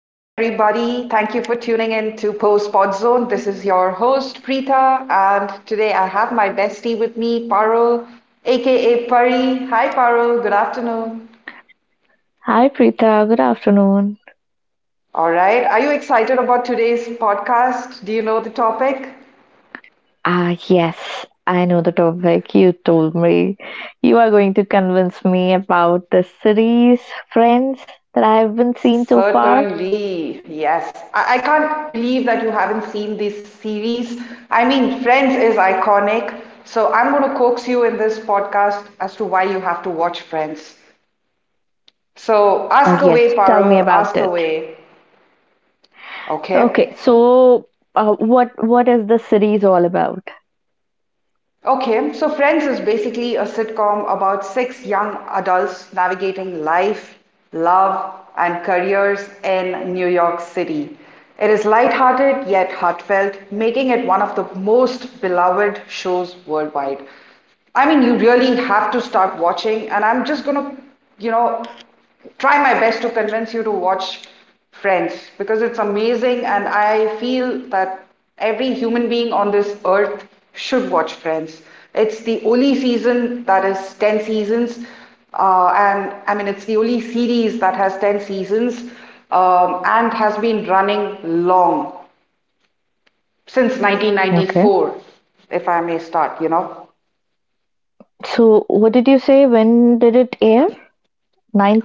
Thank you for tuning in to Post Pod Zone. This is your host, Preeta, and today I have my bestie with me, Parul, aka Pari. Hi, Parul. Good afternoon. Hi Preetha, good afternoon. All right. Are you excited about today's podcast? Do you know the topic? Ah, yes, I know the topic you told me. You are going to convince me about the series Friends that I haven't seen so far. Certainly, yes. I can't believe that you haven't seen this series. I mean, Friends is iconic, so I'm going to coax you in this podcast as to why you have to watch Friends. So Ah, ask yes, away, tell me Paro, about ask it. away. Okay, Okay? so what is the series all about? Okay, so Friends is basically a sitcom about six young adults navigating life, love, and careers in New York City. It is lighthearted yet heartfelt, making it one of the most beloved shows worldwide. I mean, you really have to start watching, and I'm just gonna, you know, try my best to convince you to watch Friends because it's amazing, and I feel that every human being on this earth should watch Friends. It's the only season that is 10 seasons, and I mean, it's the only series that has 10 seasons and has been running long since Okay. 1994, if I may start. So, what did you say? When did it air?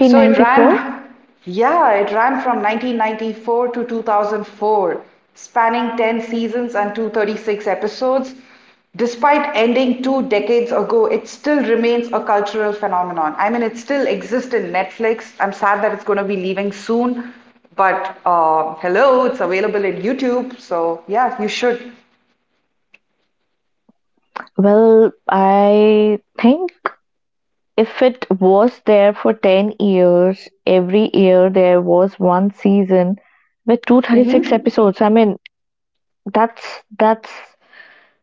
So it ran, yeah, it ran from 1994 to 2004, spanning 10 seasons and 236 episodes. Despite ending two decades ago, it still remains a cultural phenomenon. I mean, it still exists in Netflix. I'm sad that it's going to be leaving soon, but hello, it's available in YouTube. So yeah, you should. Well, I think if it was there for 10 years, every year there was one season with 236 hmm episodes. I mean, that's that's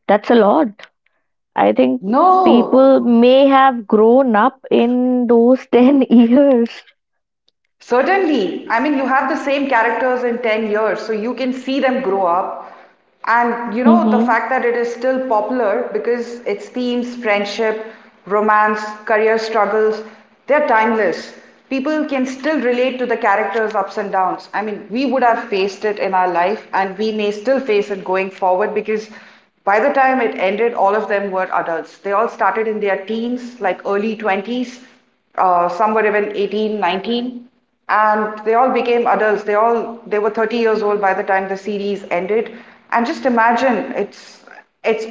that's a lot. I think people No. may have grown up in those 10 years. Certainly. I mean, you have the same characters in 10 years, so you can see them grow up. And you know, the Mm-hmm. fact that it is still popular because its themes, friendship, romance, career struggles, they're timeless. People can still relate to the characters' ups and downs. I mean, we would have faced it in our life, and we may still face it going forward because by the time it ended, all of them were adults. They all started in their teens, like early 20s, some were even 18, 19, and they all became adults. They were 30 years old by the time the series ended. And just imagine it's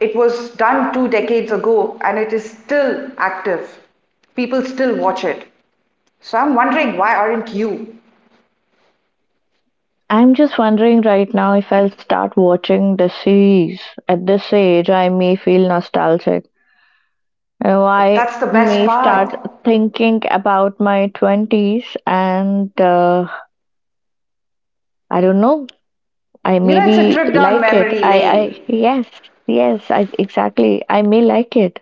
it was done two decades ago and it is still active. People still watch it. So I'm wondering, why aren't you? I'm just wondering right now if I'll start watching the series. At this age, I may feel nostalgic. Oh, I That's the best may part. start thinking about my 20s and I don't know, I You know, it's a maybe trip down like it. memory lane. I, yes, yes, I, exactly. I may like it.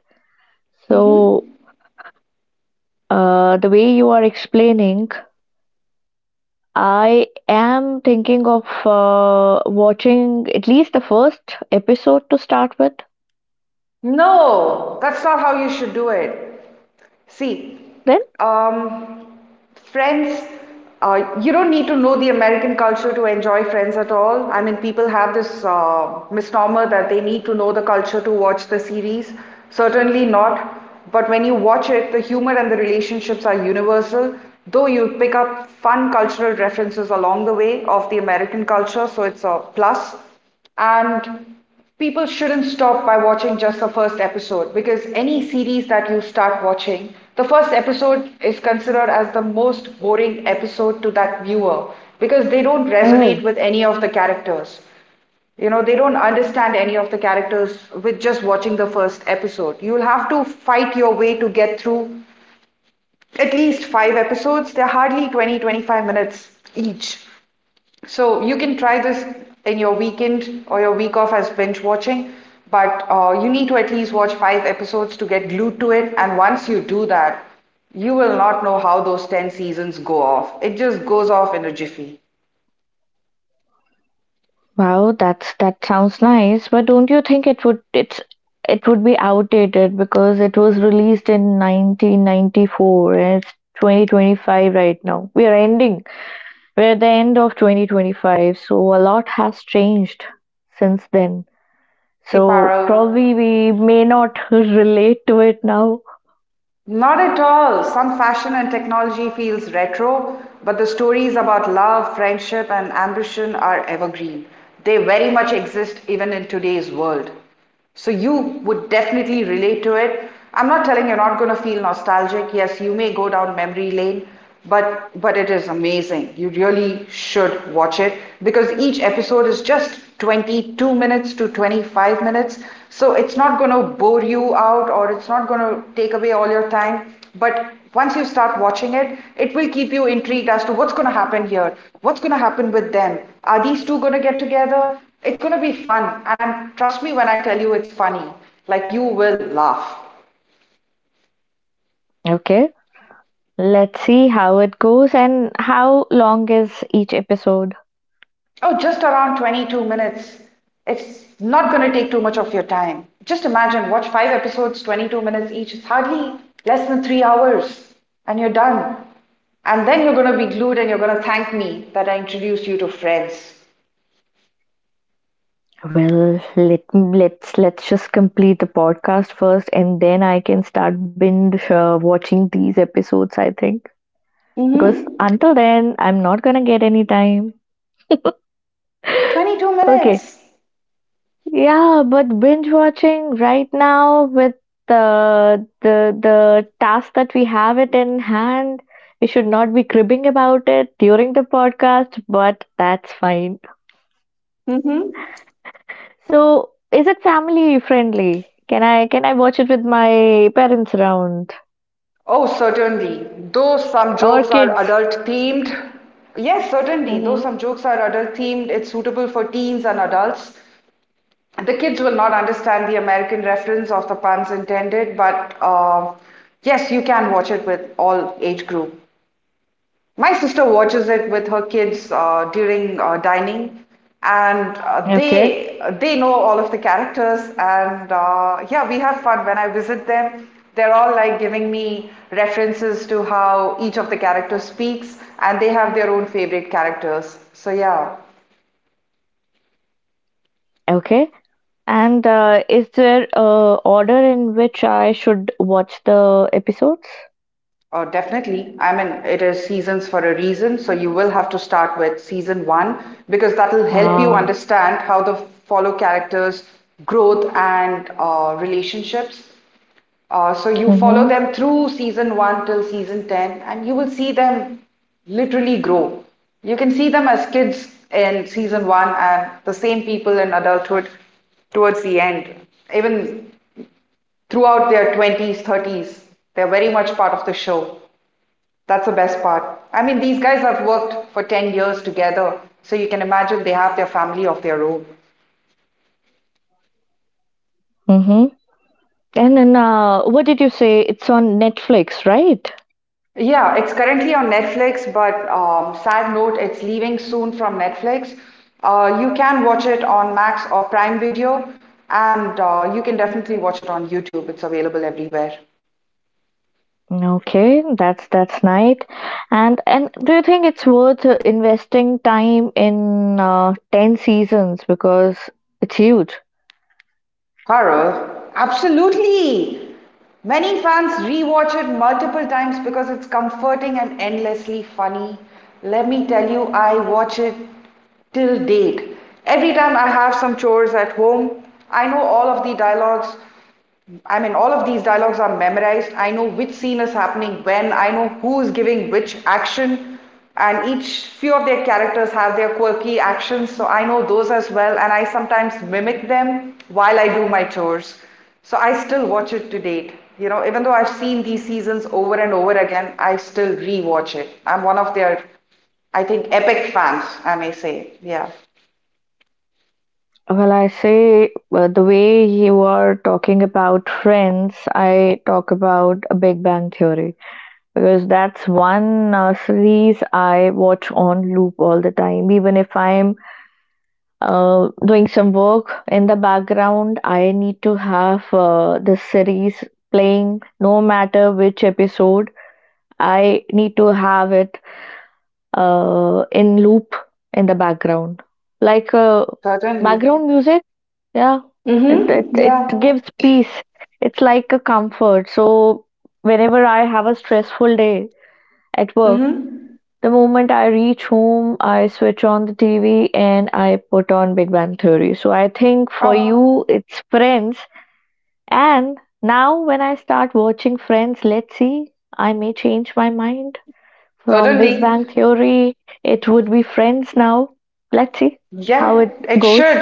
So, the way you are explaining, I am thinking of watching at least the first episode to start with, No, that's not how you should do it. See, then. um, Friends, you don't need to know the American culture to enjoy Friends at all. I mean, people have this misnomer that they need to know the culture to watch the series. Certainly not. But when you watch it, the humor and the relationships are universal, though you pick up fun cultural references along the way of the American culture, so it's a plus. And people shouldn't stop by watching just the first episode because any series that you start watching, the first episode is considered as the most boring episode to that viewer because they don't Oh. resonate with any of the characters. You know, they don't understand any of the characters with just watching the first episode. You'll have to fight your way to get through at least five episodes. They're hardly 20 to 25 minutes each. So you can try this in your weekend or your week off as binge watching, but you need to at least watch five episodes to get glued to it. And once you do that, you will not know how those 10 seasons go off. It just goes off in a jiffy. Wow, that's that sounds nice, but don't you think it would be outdated because it was released in 1994 and it's 2025 right now. We are ending. We're at the end of 2025, so a lot has changed since then. See, So Paro, probably we may not relate to it now. not at all. Some fashion and technology feels retro, but the stories about love, friendship, and ambition are evergreen. They very much exist even in today's world. So you would definitely relate to it. I'm not telling you're not going to feel nostalgic. Yes, you may go down memory lane, but it is amazing. You really should watch it because each episode is just 22 minutes to 25 minutes, so it's not going to bore you out or it's not going to take away all your time, but once you start watching it, it will keep you intrigued as to what's going to happen here, what's going to happen with them. Are these two going to get together? It's going to be fun, and I'm trust me when I tell you it's funny. Like you will laugh. Okay, let's see how it goes and how long is each episode. Oh, just around 22 minutes. It's not going to take too much of your time. Just imagine, watch five episodes, 22 minutes each. It's hardly less than 3 hours, and you're done. And then you're going to be glued and you're going to thank me that I introduced you to friends. Well, let's just complete the podcast first, and then I can start binge watching these episodes. I think because Mm-hmm. until then, I'm not gonna get any time. 22 Okay, minutes. yeah, but binge watching right now with the task that we have it in hand, we should not be cribbing about it during the podcast. But that's fine. Mm-hmm. So, is it family friendly? Can I watch it with my parents around Oh, certainly. Though some or jokes are kids? adult themed, yes, certainly. Though Mm-hmm. some jokes are adult themed, it's suitable for teens and adults. The kids will not understand the American reference of the puns intended, but yes, you can watch it with all age group. My sister watches it with her kids during dining, and uh, Okay, they they know all of the characters, and yeah, we have fun when I visit them. They're all like giving me references to how each of the characters speaks, and they have their own favorite characters. So yeah. okay. And is there a order in which I should watch the episodes? Oh, definitely. I mean, it is seasons for a reason. So you will have to start with season one because that will help you Ah, understand how the follow characters' growth and relationships. So you follow mm-hmm, them through season one till season 10, and you will see them literally grow. You can see them as kids in season one and the same people in adulthood towards the end, even throughout their 20s, 30s. They're very much part of the show. That's the best part. I mean, these guys have worked for 10 years together, so you can imagine they have their family of their own. mm-hmm. And then, what did you say? It's on Netflix, right? Yeah, it's currently on Netflix, but sad note, it's leaving soon from Netflix. You can watch it on Max or Prime Video, and you can definitely watch it on YouTube. It's available everywhere. Okay, that's nice. And do you think it's worth investing time in 10 seasons because it's huge? Horror? Absolutely! Many fans rewatch it multiple times because it's comforting and endlessly funny. Let me tell you, I watch it till date. Every time I have some chores at home, I know all of the dialogues, I mean, all of these dialogues are memorized. I know which scene is happening when, I know who is giving which action, and each few of their characters have their quirky actions, so I know those as well, and I sometimes mimic them while I do my chores. So I still watch it to date. You know, even though I've seen these seasons over and over again, I still rewatch it. I'm one of their, I think, epic fans, I may say. Yeah. Well, I say the way you are talking about Friends, I talk about a Big Bang Theory because that's one series I watch on loop all the time. Even if I'm doing some work in the background, I need to have the series playing no matter which episode. I need to have it in loop in the background, like Certainly. background music. Yeah, it, Mm-hmm. it it Yeah. gives peace. It's like a comfort. So whenever I have a stressful day at work, Mm-hmm. the moment I reach home, I switch on the TV and I put on Big Bang Theory. So I think for Oh. you, it's Friends. And now when I start watching Friends, let's see, I may change my mind. From Big Certainly. Bang Theory, it would be Friends now. Let's see Yeah, how it it goes. should.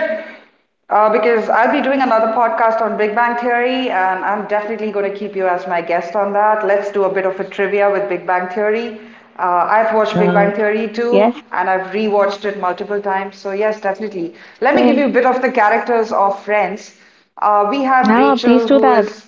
Because I'll be doing another podcast on Big Bang Theory, and I'm definitely going to keep you as my guest on that. Let's do a bit of a trivia with Big Bang Theory. I've watched Big Bang Uh, Theory too, Yes, and I've rewatched it multiple times. So, yes, definitely. Let me give same. you a bit of the characters of Friends. We have Now, please Rachel, do who that. is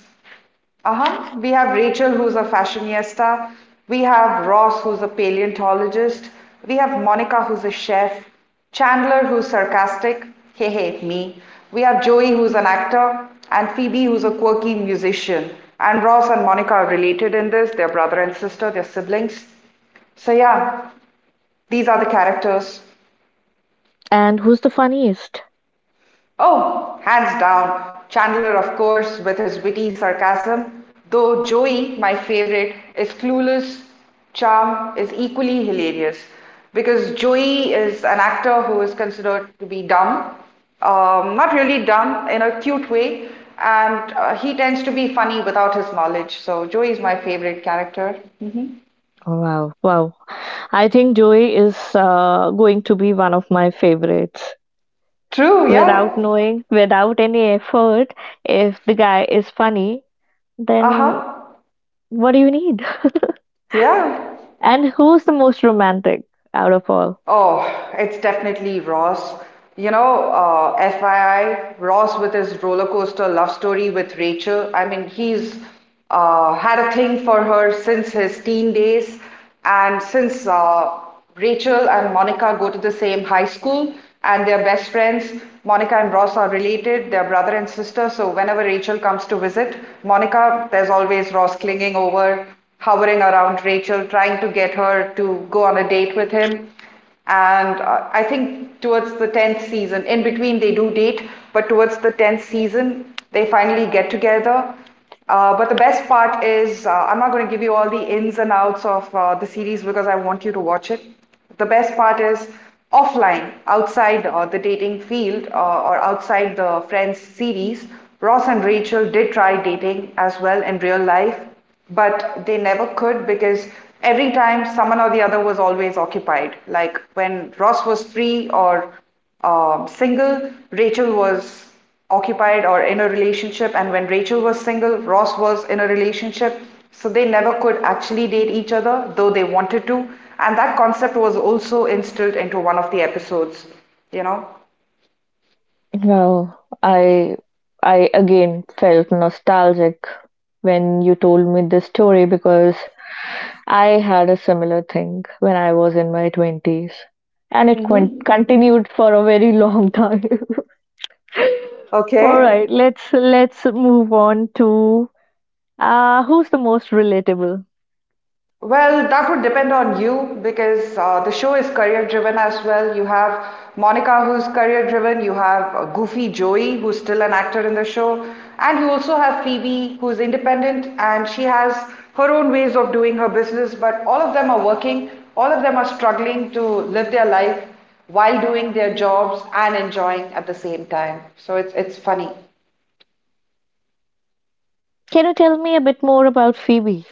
Uh-huh. We have Rachel, who's a fashionista. We have Ross, who's a paleontologist. We have Monica, who's a chef. Chandler, who's sarcastic. Hey, hey, me. We have Joey, who's an actor. And Phoebe, who's a quirky musician. And Ross and Monica are related in this. They're brother and sister, they're siblings. So, yeah, these are the characters. And who's the funniest? Oh, hands down. Chandler, of course, with his witty sarcasm, though Joey, my favorite, is clueless, charm is equally hilarious because Joey is an actor who is considered to be dumb, not really dumb in a cute way, and he tends to be funny without his knowledge. So Joey is my favorite character. Wow. Wow, I think Joey is going to be one of my favorites. True, Without yeah. knowing, without any effort, if the guy is funny, then Uh-huh. what do you need? Yeah. And who's the most romantic out of all? Oh, it's definitely Ross. You know, FYI, Ross with his roller coaster love story with Rachel. I mean, he's had a thing for her since his teen days, and since Rachel and Monica go to the same high school and they're best friends, Monica and Ross are related, they're brother and sister. So whenever Rachel comes to visit Monica, there's always Ross clinging over, hovering around Rachel, trying to get her to go on a date with him. And I think towards the 10th season, in between they do date, but towards the 10th season, they finally get together. But the best part is, I'm not going to give you all the ins and outs of the series because I want you to watch it. The best part is offline, outside the dating field or outside the Friends series. Ross and Rachel did try dating as well in real life, but they never could because every time someone or the other was always occupied. Like when Ross was free or single, Rachel was occupied or in a relationship, and when Rachel was single, Ross was in a relationship. So they never could actually date each other, though they wanted to. And that concept was also instilled into one of the episodes, you know? Wow, I I again felt nostalgic when you told me this story because I had a similar thing when I was in my 20s and it Mm-hmm. continued for a very long time. All Okay. right, let's move on to who's the most relatable? Well, that would depend on you because the show is career driven as well. You have Monica, who's career driven, you have Goofy Joey, who's still an actor in the show, and you also have Phoebe, who's independent and she has her own ways of doing her business. But all of them are working, all of them are struggling to live their life while doing their jobs and enjoying at the same time. So it's funny. Can you tell me a bit more about Phoebe?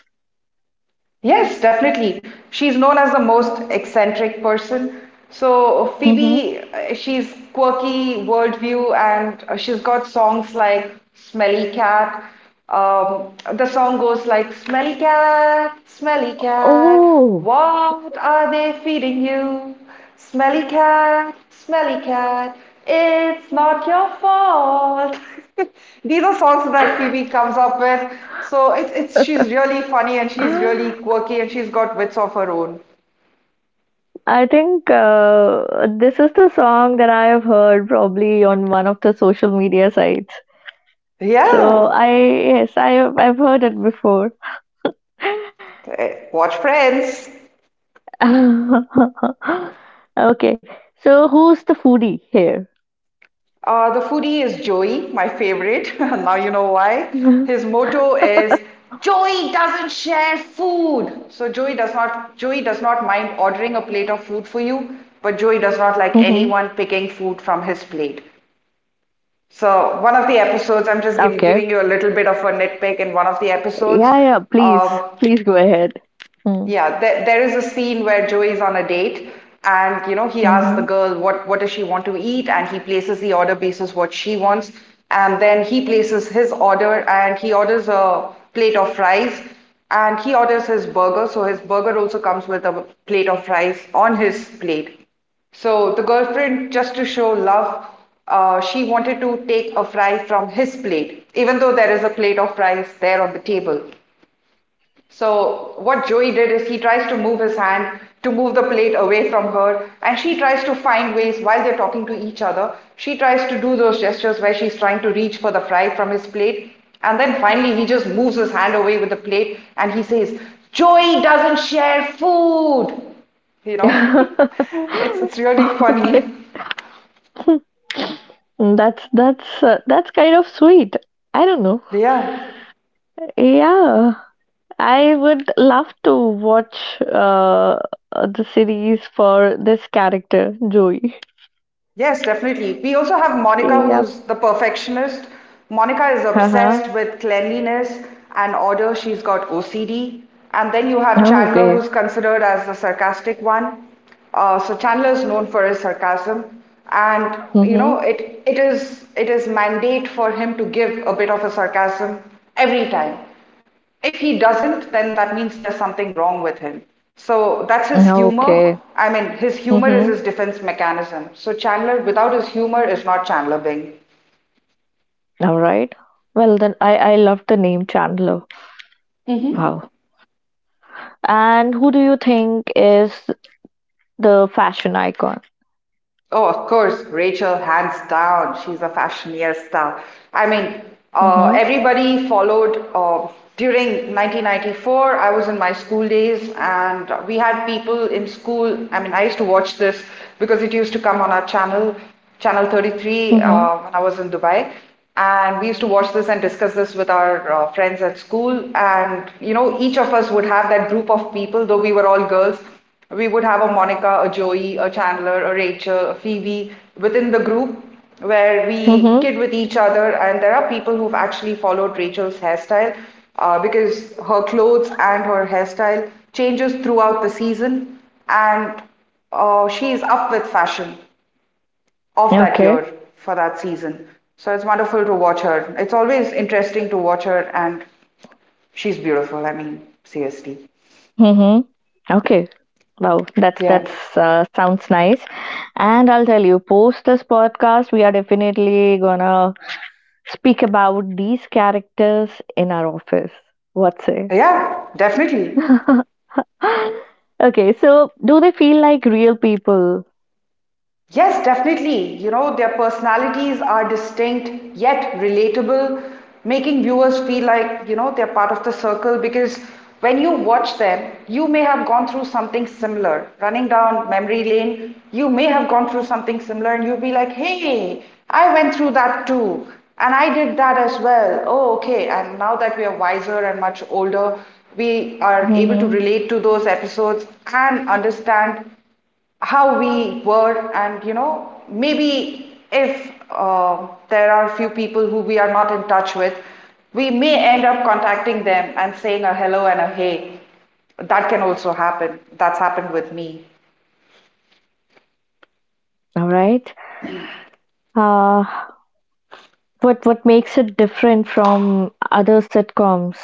Yes, definitely. She's known as the most eccentric person. So Mhm. Phoebe, she's quirky worldview, and she's got songs like "Smelly Cat." The song goes like smelly cat, Oh. what are they feeding you? Smelly cat, it's not your fault." These are songs that Phoebe comes up with. So it's she's really funny and she's really quirky and she's got wits of her own. I think this is the song that I have heard probably on one of the social media sites. So Yeah. I Yes I have, I've heard it before. Eh, watch Friends. Okay, so who's the foodie here? The foodie is Joey, my favorite. Now you know why. His motto is Joey doesn't share food. So Joey does not mind ordering a plate of food for you, but Joey does not like Hmm. anyone picking food from his plate. So one of the episodes, I'm just Okay. giving you a little bit of a nitpick in one of the episodes. Yeah, yeah. Please, Um, please go ahead. yeah, there is a scene where Joey's on a date, and you know he asks the Mm-hmm. girl what does she want to eat, and he places the order basis what she wants, and then he places his order and he orders a plate of fries and he orders his burger, so his burger also comes with a plate of fries on his plate. So the girlfriend, just to show love, she wanted to take a fry from his plate, even though there is a plate of fries there on the table. So what Joey did is he tries to move his hand to move the plate away from her, and she tries to find ways while they're talking to each other. She tries to do those gestures where she's trying to reach for the fry from his plate, and then finally he just moves his hand away with the plate and he says, "Joey doesn't share food." You know, it's really funny. Okay. That's kind of sweet. I don't know. Yeah. Yeah. I would love to watch the series for this character, Joey. Yes, definitely. We also have Monica, Yep. who's the perfectionist. Monica is Uh-huh. obsessed with cleanliness and order. She's got OCD. And then you have Chandler, Okay. who's considered as the sarcastic one. So Chandler is known for his sarcasm, and you Mm-hmm. know it is mandate for him to give a bit of a sarcasm every time. If he doesn't, then that means there's something wrong with him. So that's his humor. Okay. I mean, his humor is Mm-hmm. his defense mechanism. So Chandler, without his humor, is not Chandler Bing. All right. Well, then I love the name Chandler. Wow. And who do you think is the fashion icon? Oh, of course, Rachel, hands down, she's a fashionista. I mean, Mm-hmm. everybody followed during 1994. I was in my school days, and we had people in school. I mean, I used to watch this because it used to come on our channel, Channel 33, Mm-hmm. When I was in Dubai. And we used to watch this and discuss this with our friends at school. And, you know, each of us would have that group of people, though we were all girls. We would have a Monica, a Joey, a Chandler, a Rachel, a Phoebe within the group where we Mm-hmm. kid with each other. And there are people who've actually followed Rachel's hairstyle because her clothes and her hairstyle changes throughout the season. And she is up with fashion of that Okay. year for that season. So it's wonderful to watch her. It's always interesting to watch her, and she's beautiful. I mean, seriously. Mm-hmm. Okay. Wow, Yeah. that's sounds nice. And I'll tell you, post this podcast, we are definitely gonna speak about these characters in our office. What say? Yeah, definitely. Okay, so do they feel like real people? Yes, definitely. You know, their personalities are distinct yet relatable, making viewers feel like, you know, they're part of the circle because when you watch them, you may have gone through something similar. Running down memory lane, you may have gone through something similar and you'll be like, hey, I went through that too. And I did that as well. Oh, okay. And now that we are wiser and much older, we are able to Hmm. relate to those episodes and understand how we were, and maybe if there are few people who we are not in touch with, we may end up contacting them and saying a hello and a hey. That can also happen. That's happened with me. All right. Uh, what makes it different from other sitcoms?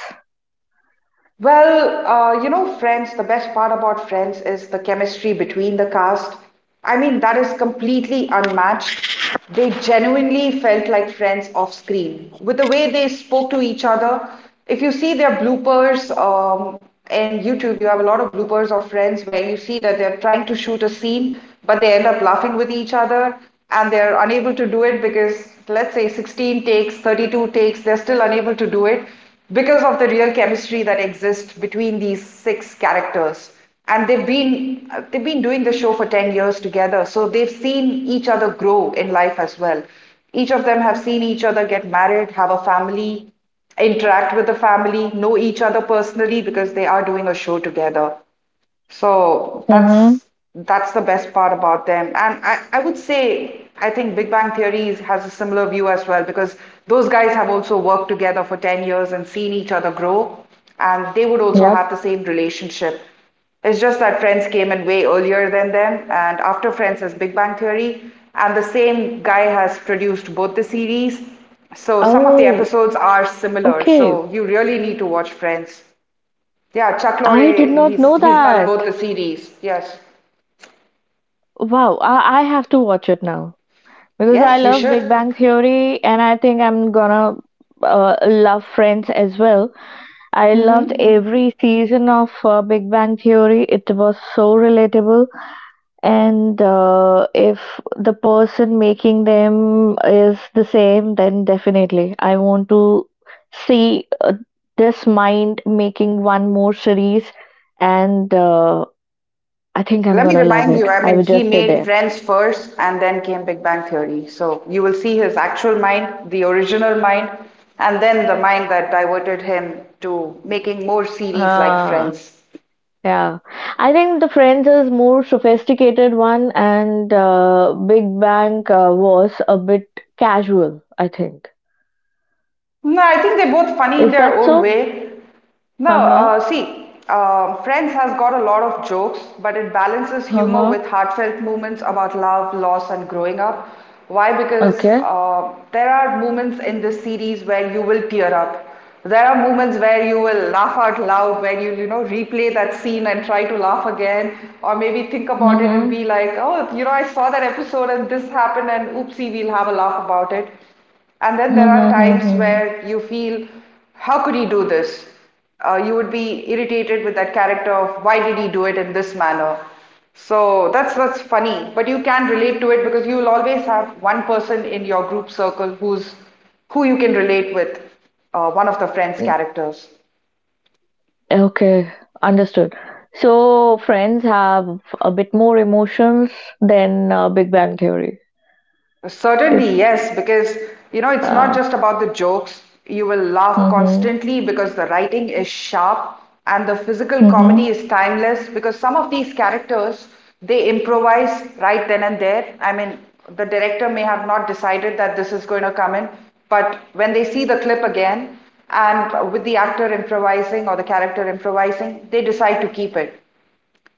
Well, you know, Friends, the best part about Friends is the chemistry between the cast. I mean, that is completely unmatched. They genuinely felt like friends off screen. With the way they spoke to each other, if you see their bloopers in YouTube, you have a lot of bloopers of Friends where you see that they're trying to shoot a scene, but they end up laughing with each other and they're unable to do it because, let's say, 16 takes, 32 takes, they're still unable to do it because of the real chemistry that exists between these six characters. And they've been doing the show for 10 years together, so they've seen each other grow in life as well. Each of them have seen each other get married, have a family, interact with the family, know each other personally because they are doing a show together. So Mm-hmm. that's the best part about them. And I would say I think Big Bang Theory has a similar view as well because those guys have also worked together for 10 years and seen each other grow, and they would also have Yep. the same relationship. It's just that Friends came in way earlier than them, and after Friends is Big Bang Theory, and the same guy has produced both the series. So some of the Oh, episodes are similar, okay. so you really need to watch Friends. Yeah, Chuck I did Lorre, not he's know he's done both that. the series. Yes, Wow, I have to watch it now because I yes, you love Big should. Bang Theory and I think I'm gonna love Friends as well. I loved Hmm. every season of Big Bang Theory. It was so relatable. And if the person making them is the same, then definitely I want to see this mind making one more series. And I think I'm Let me gonna love remind it. you. I I mean, would he just say made that. Friends first, and then came Big Bang Theory. So you will see his actual mind, the original mind, and then the mind that diverted him to making more series like Ah. Friends. Yeah, I think the Friends is more sophisticated one, and Big Bang was a bit casual. I think No, I think they're both funny in is their that own so? way. No, Uh huh. See, Friends has got a lot of jokes, but it balances Uh humor huh. with heartfelt moments about love, loss, and growing up. Why? Because Okay. There are moments in this series where you will tear up. There are moments where you will laugh out loud, where you know replay that scene and try to laugh again, or maybe think about it and Mm-hmm. be like, oh, you know, I saw that episode and this happened, and oopsie, we'll have a laugh about it. And then there are times Mm-hmm. where you feel, how could he do this? You would be irritated with that character of why did he do it in this manner? So that's funny, but you can relate to it because you will always have one person in your group circle who you can relate with, one of the friend's characters. Okay. Understood. So Friends have a bit more emotions than Big Bang Theory. Certainly, It. yes, because you know it's not Uh, just about the jokes. You will laugh mm-hmm. constantly because the writing is sharp and the physical Mm-hmm. comedy is timeless because some of these characters they improvise right then and there. I mean, the director may have not decided that this is going to come in, but when they see the clip again and with the actor improvising or the character improvising, they decide to keep it.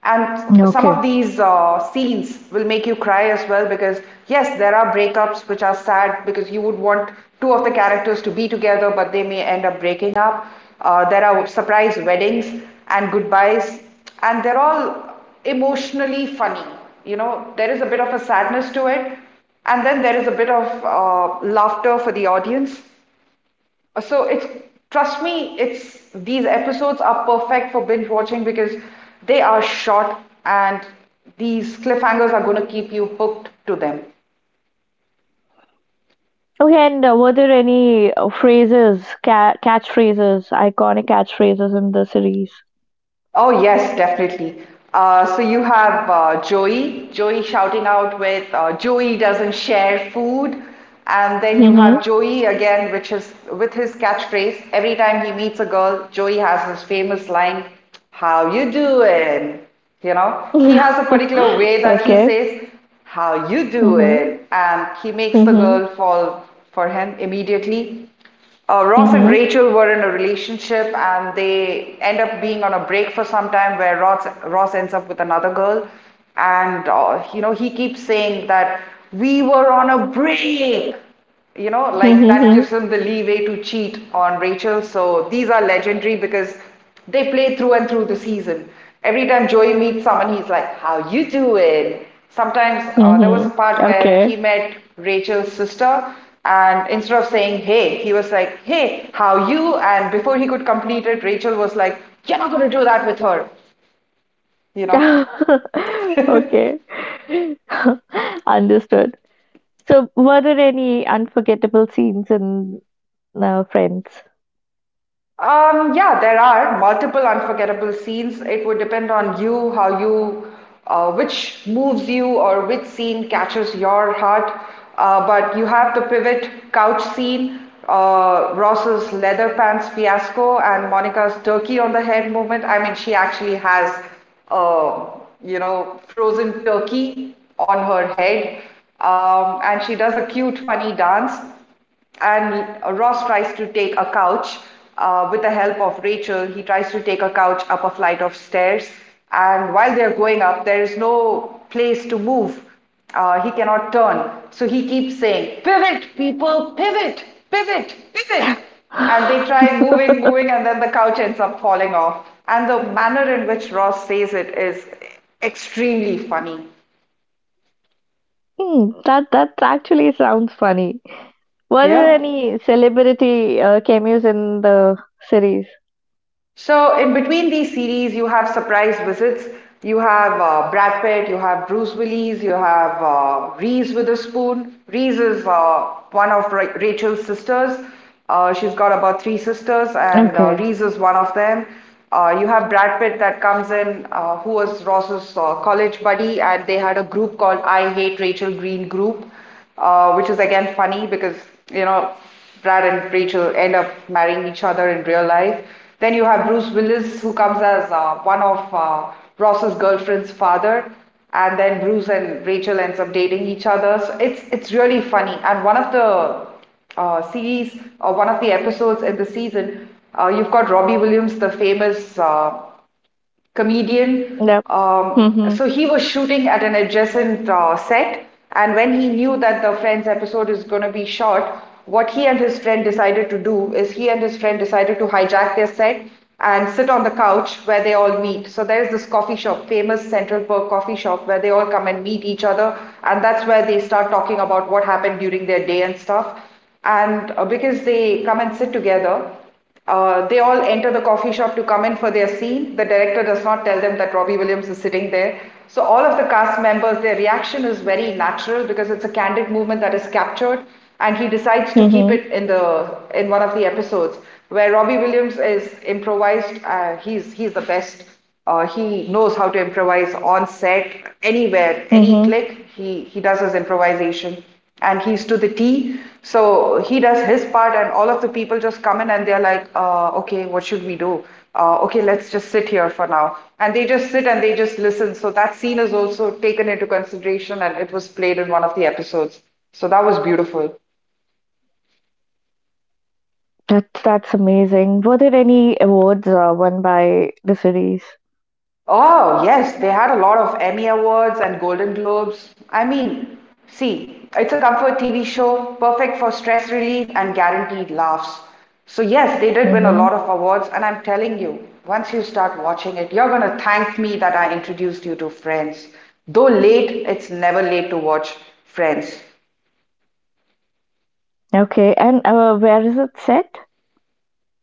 And some Okay. of these scenes will make you cry as well because, yes, there are breakups which are sad because you would want two of the characters to be together, but they may end up breaking up. There are surprise weddings and goodbyes, and they're all emotionally funny. You know, there is a bit of a sadness to it, and then there is a bit of laughter for the audience. So it's trust me, it's these episodes are perfect for binge watching because they are short and these cliffhangers are going to keep you hooked to them. Okay, and were there any catchphrases, iconic catchphrases in the series? Oh, yes, definitely. So you have Joey, Joey shouting out with Joey doesn't share food. And then you have Mm-hmm. Joey again, which is with his catchphrase. Every time he meets a girl, Joey has his famous line, how you doing? You know, he has a particular way that he Okay. says, how you Mm-hmm. doing? And he makes the Mm-hmm. girl fall for him immediately. Ross and Mm-hmm. Rachel were in a relationship and they end up being on a break for some time where Ross ends up with another girl. And, you know, he keeps saying that we were on a break. You know, like that Mm-hmm. gives him the leeway to cheat on Rachel. So these are legendary because they play through and through the season. Every time Joey meets someone, he's like, "How you doing?" Sometimes there was Mm-hmm. a part where Okay. he met Rachel's sister, and instead of saying "Hey," he was like, "Hey, how you?" And before he could complete it, Rachel was like, "You're not going to do that with her," you know. Okay. Understood. So, were there any unforgettable scenes in Friends? Yeah, there are multiple unforgettable scenes. It would depend on you, how you, which moves you or which scene catches your heart. But you have the pivot couch scene, Ross's leather pants fiasco, and Monica's turkey on the head moment. I mean, she actually has, uh, frozen turkey on her head. And she does a cute, funny dance and Ross tries to take a couch. With the help of Rachel, he tries to take a couch up a flight of stairs. And while they're going up, there is no place to move. He cannot turn. So he keeps saying, pivot, people, pivot, pivot, pivot. And they try moving, and then the couch ends up falling off. And the manner in which Ross says it is extremely funny. Hmm, that that actually sounds funny. Were there Yeah. any celebrity cameos in the series? So, in between these series, you have surprise visits. You have Brad Pitt, you have Bruce Willis, you have Reese Witherspoon. Reese is one of Ra Rachel's sisters. She's got about Okay. three sisters, and Reese is one of them. You have Brad Pitt that comes in, who was Ross's college buddy, and they had a group called I Hate Rachel Green group, which is again funny because you know Brad and Rachel end up marrying each other in real life. Then you have Bruce Willis who comes as one of Ross's girlfriend's father, and then Bruce and Rachel ends up dating each other. So it's really funny. And one of the series or one of the episodes in the season, you've got Robbie Williams, the famous Yep. comedian. Mhm. So he was shooting at an adjacent set, and when he knew that the Friends episode is going to be short, what he and his friend decided to do is he and his friend decided to hijack their set and sit on the couch where they all meet. So there's this coffee shop, famous Central Perk coffee shop, where they all come and meet each other, and that's where they start talking about what happened during their day and stuff. And because they come and sit together, they all enter the coffee shop to come in for their scene. The director does not tell them that Robbie Williams is sitting there. So, all of the cast members, their reaction is very natural because it's a candid movement that is captured, and he decides to keep Mhm. it in one of the episodes where Robbie Williams is improvised. He's the best. He knows how to improvise on set, anywhere, any Mhm. click. He does his improvisation and he's to the T. So he does his part, and all of the people just come in and they're like, okay, what should we do? Okay, let's just sit here for now. And they just sit and they just listen. So that scene is also taken into consideration and it was played in one of the episodes. So that was beautiful. That's amazing. Were there any awards won by the series? Oh, yes, they had a lot of Emmy Awards and Golden Globes. I mean, see, it's a comfort TV show, perfect for stress relief and guaranteed laughs. So, yes, they did win a Mhm. lot of awards, and I'm telling you, once you start watching it, you're gonna thank me that I introduced you to Friends. Though late, it's never late to watch Friends. Okay. And where is it set?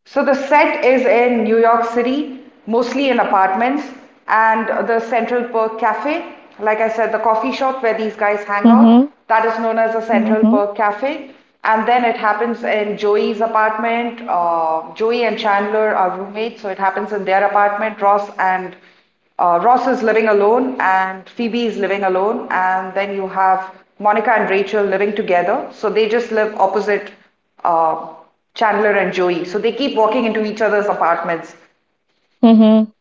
So the set is in New York City, mostly in apartments, and the Central Perk Cafe. Like I said, the coffee shop where these guys hang out, Mhm. that is known as the Central Mhm. Perk Cafe. And then it happens in Joey's apartment. Joey and Chandler are roommates, so it happens in their apartment. Ross is living alone and Phoebe is living alone, and then you have Monica and Rachel living together. So they just live opposite uh, Chandler and Joey. So they keep walking into each other's apartments. Mhm.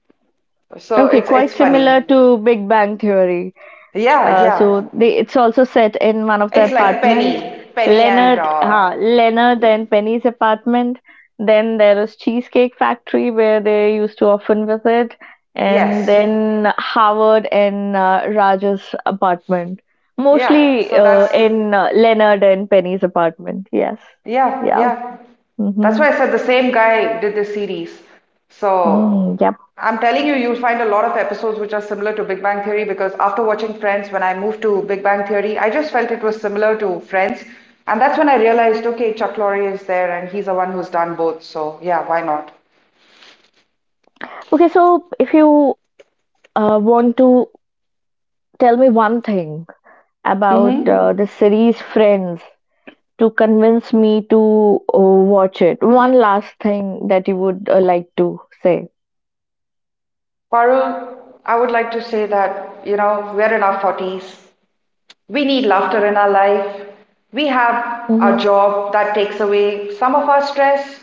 So Okay. it's Quite funny. similar to Big Bang Theory. Yeah, yeah. It's also set in one of the It's like apartments. Penny and Leonard, ha, Leonard and Penny's apartment. Then there is Cheesecake Factory where they used to often visit, and yes, then Howard and Raj's apartment. yeah. Mostly So uh, that's in uh, Leonard and Penny's apartment. Yes. yeah, Yeah. yeah. That's Mm-hmm. why I said the same guy did this series. So Mm, yep. I'm telling you, you'll find a lot of episodes which are similar to Big Bang Theory because after watching Friends, when I moved to Big Bang Theory, I just felt it was similar to Friends. And that's when I realized, okay, Chuck Lorre is there and he's the one who's done both. So yeah, why not? Okay. So if you want to tell me one thing about the Mm-hmm. series Friends to convince me to watch it. One last thing that you would like to say. Parul, I would like to say that, you know, we're in our 40s. We need laughter in our life. We have a Hmm. job that takes away some of our stress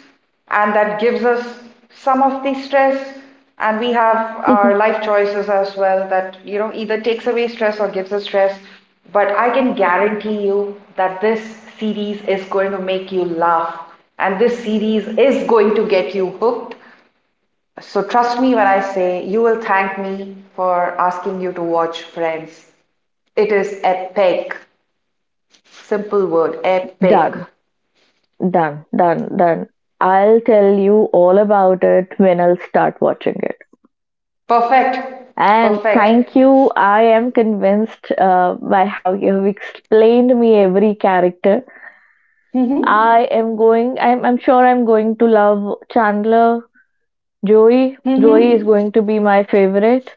and that gives us some of the stress. And we have our life choices as well that, you know, either takes away stress or gives us stress. But I can guarantee you that this series is going to make you laugh. And this series is going to get you hooked. So trust me when I say you will thank me for asking you to watch Friends. It is epic. Simple word, epic. Done, done, done. I'll tell you all about it when I'll start watching it. Perfect. And thank Perfect. you. I am convinced by how you have explained me every character. Mm-hmm. I am going. I'm. I'm sure I'm going to love Chandler. Joey. Joey is Mm-hmm. going to be my favorite,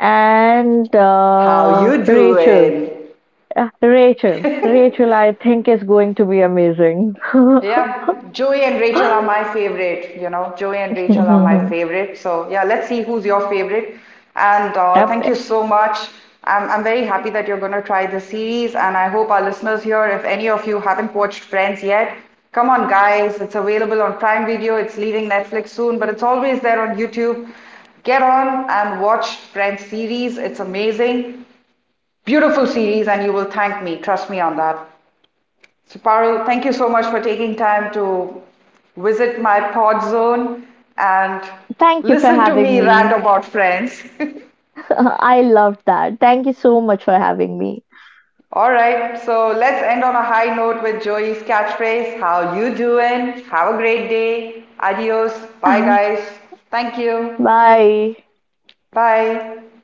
and How you Rachel. doing? Rachel, I think is going to be amazing. Yeah, Joey and Rachel are my favorite. You know, Joey and Rachel are my favorite. So yeah, let's see who's your favorite. And thank you Yep. so much. I'm very happy that you're going to try the series, and I hope our listeners here, if any of you haven't watched Friends yet, come on, guys. It's available on Prime Video. It's leaving Netflix soon, but it's always there on YouTube. Get on and watch Friends series. It's amazing, beautiful series, and you will thank me. Trust me on that. So Parul, thank you so much for taking time to visit my pod zone and Thank you for listen to having me rant me. about friends. I loved that. Thank you so much for having me. All right, so let's end on a high note with Joey's catchphrase, how you doing? Have a great day. Adios. Bye guys. Thank you. Bye. Bye.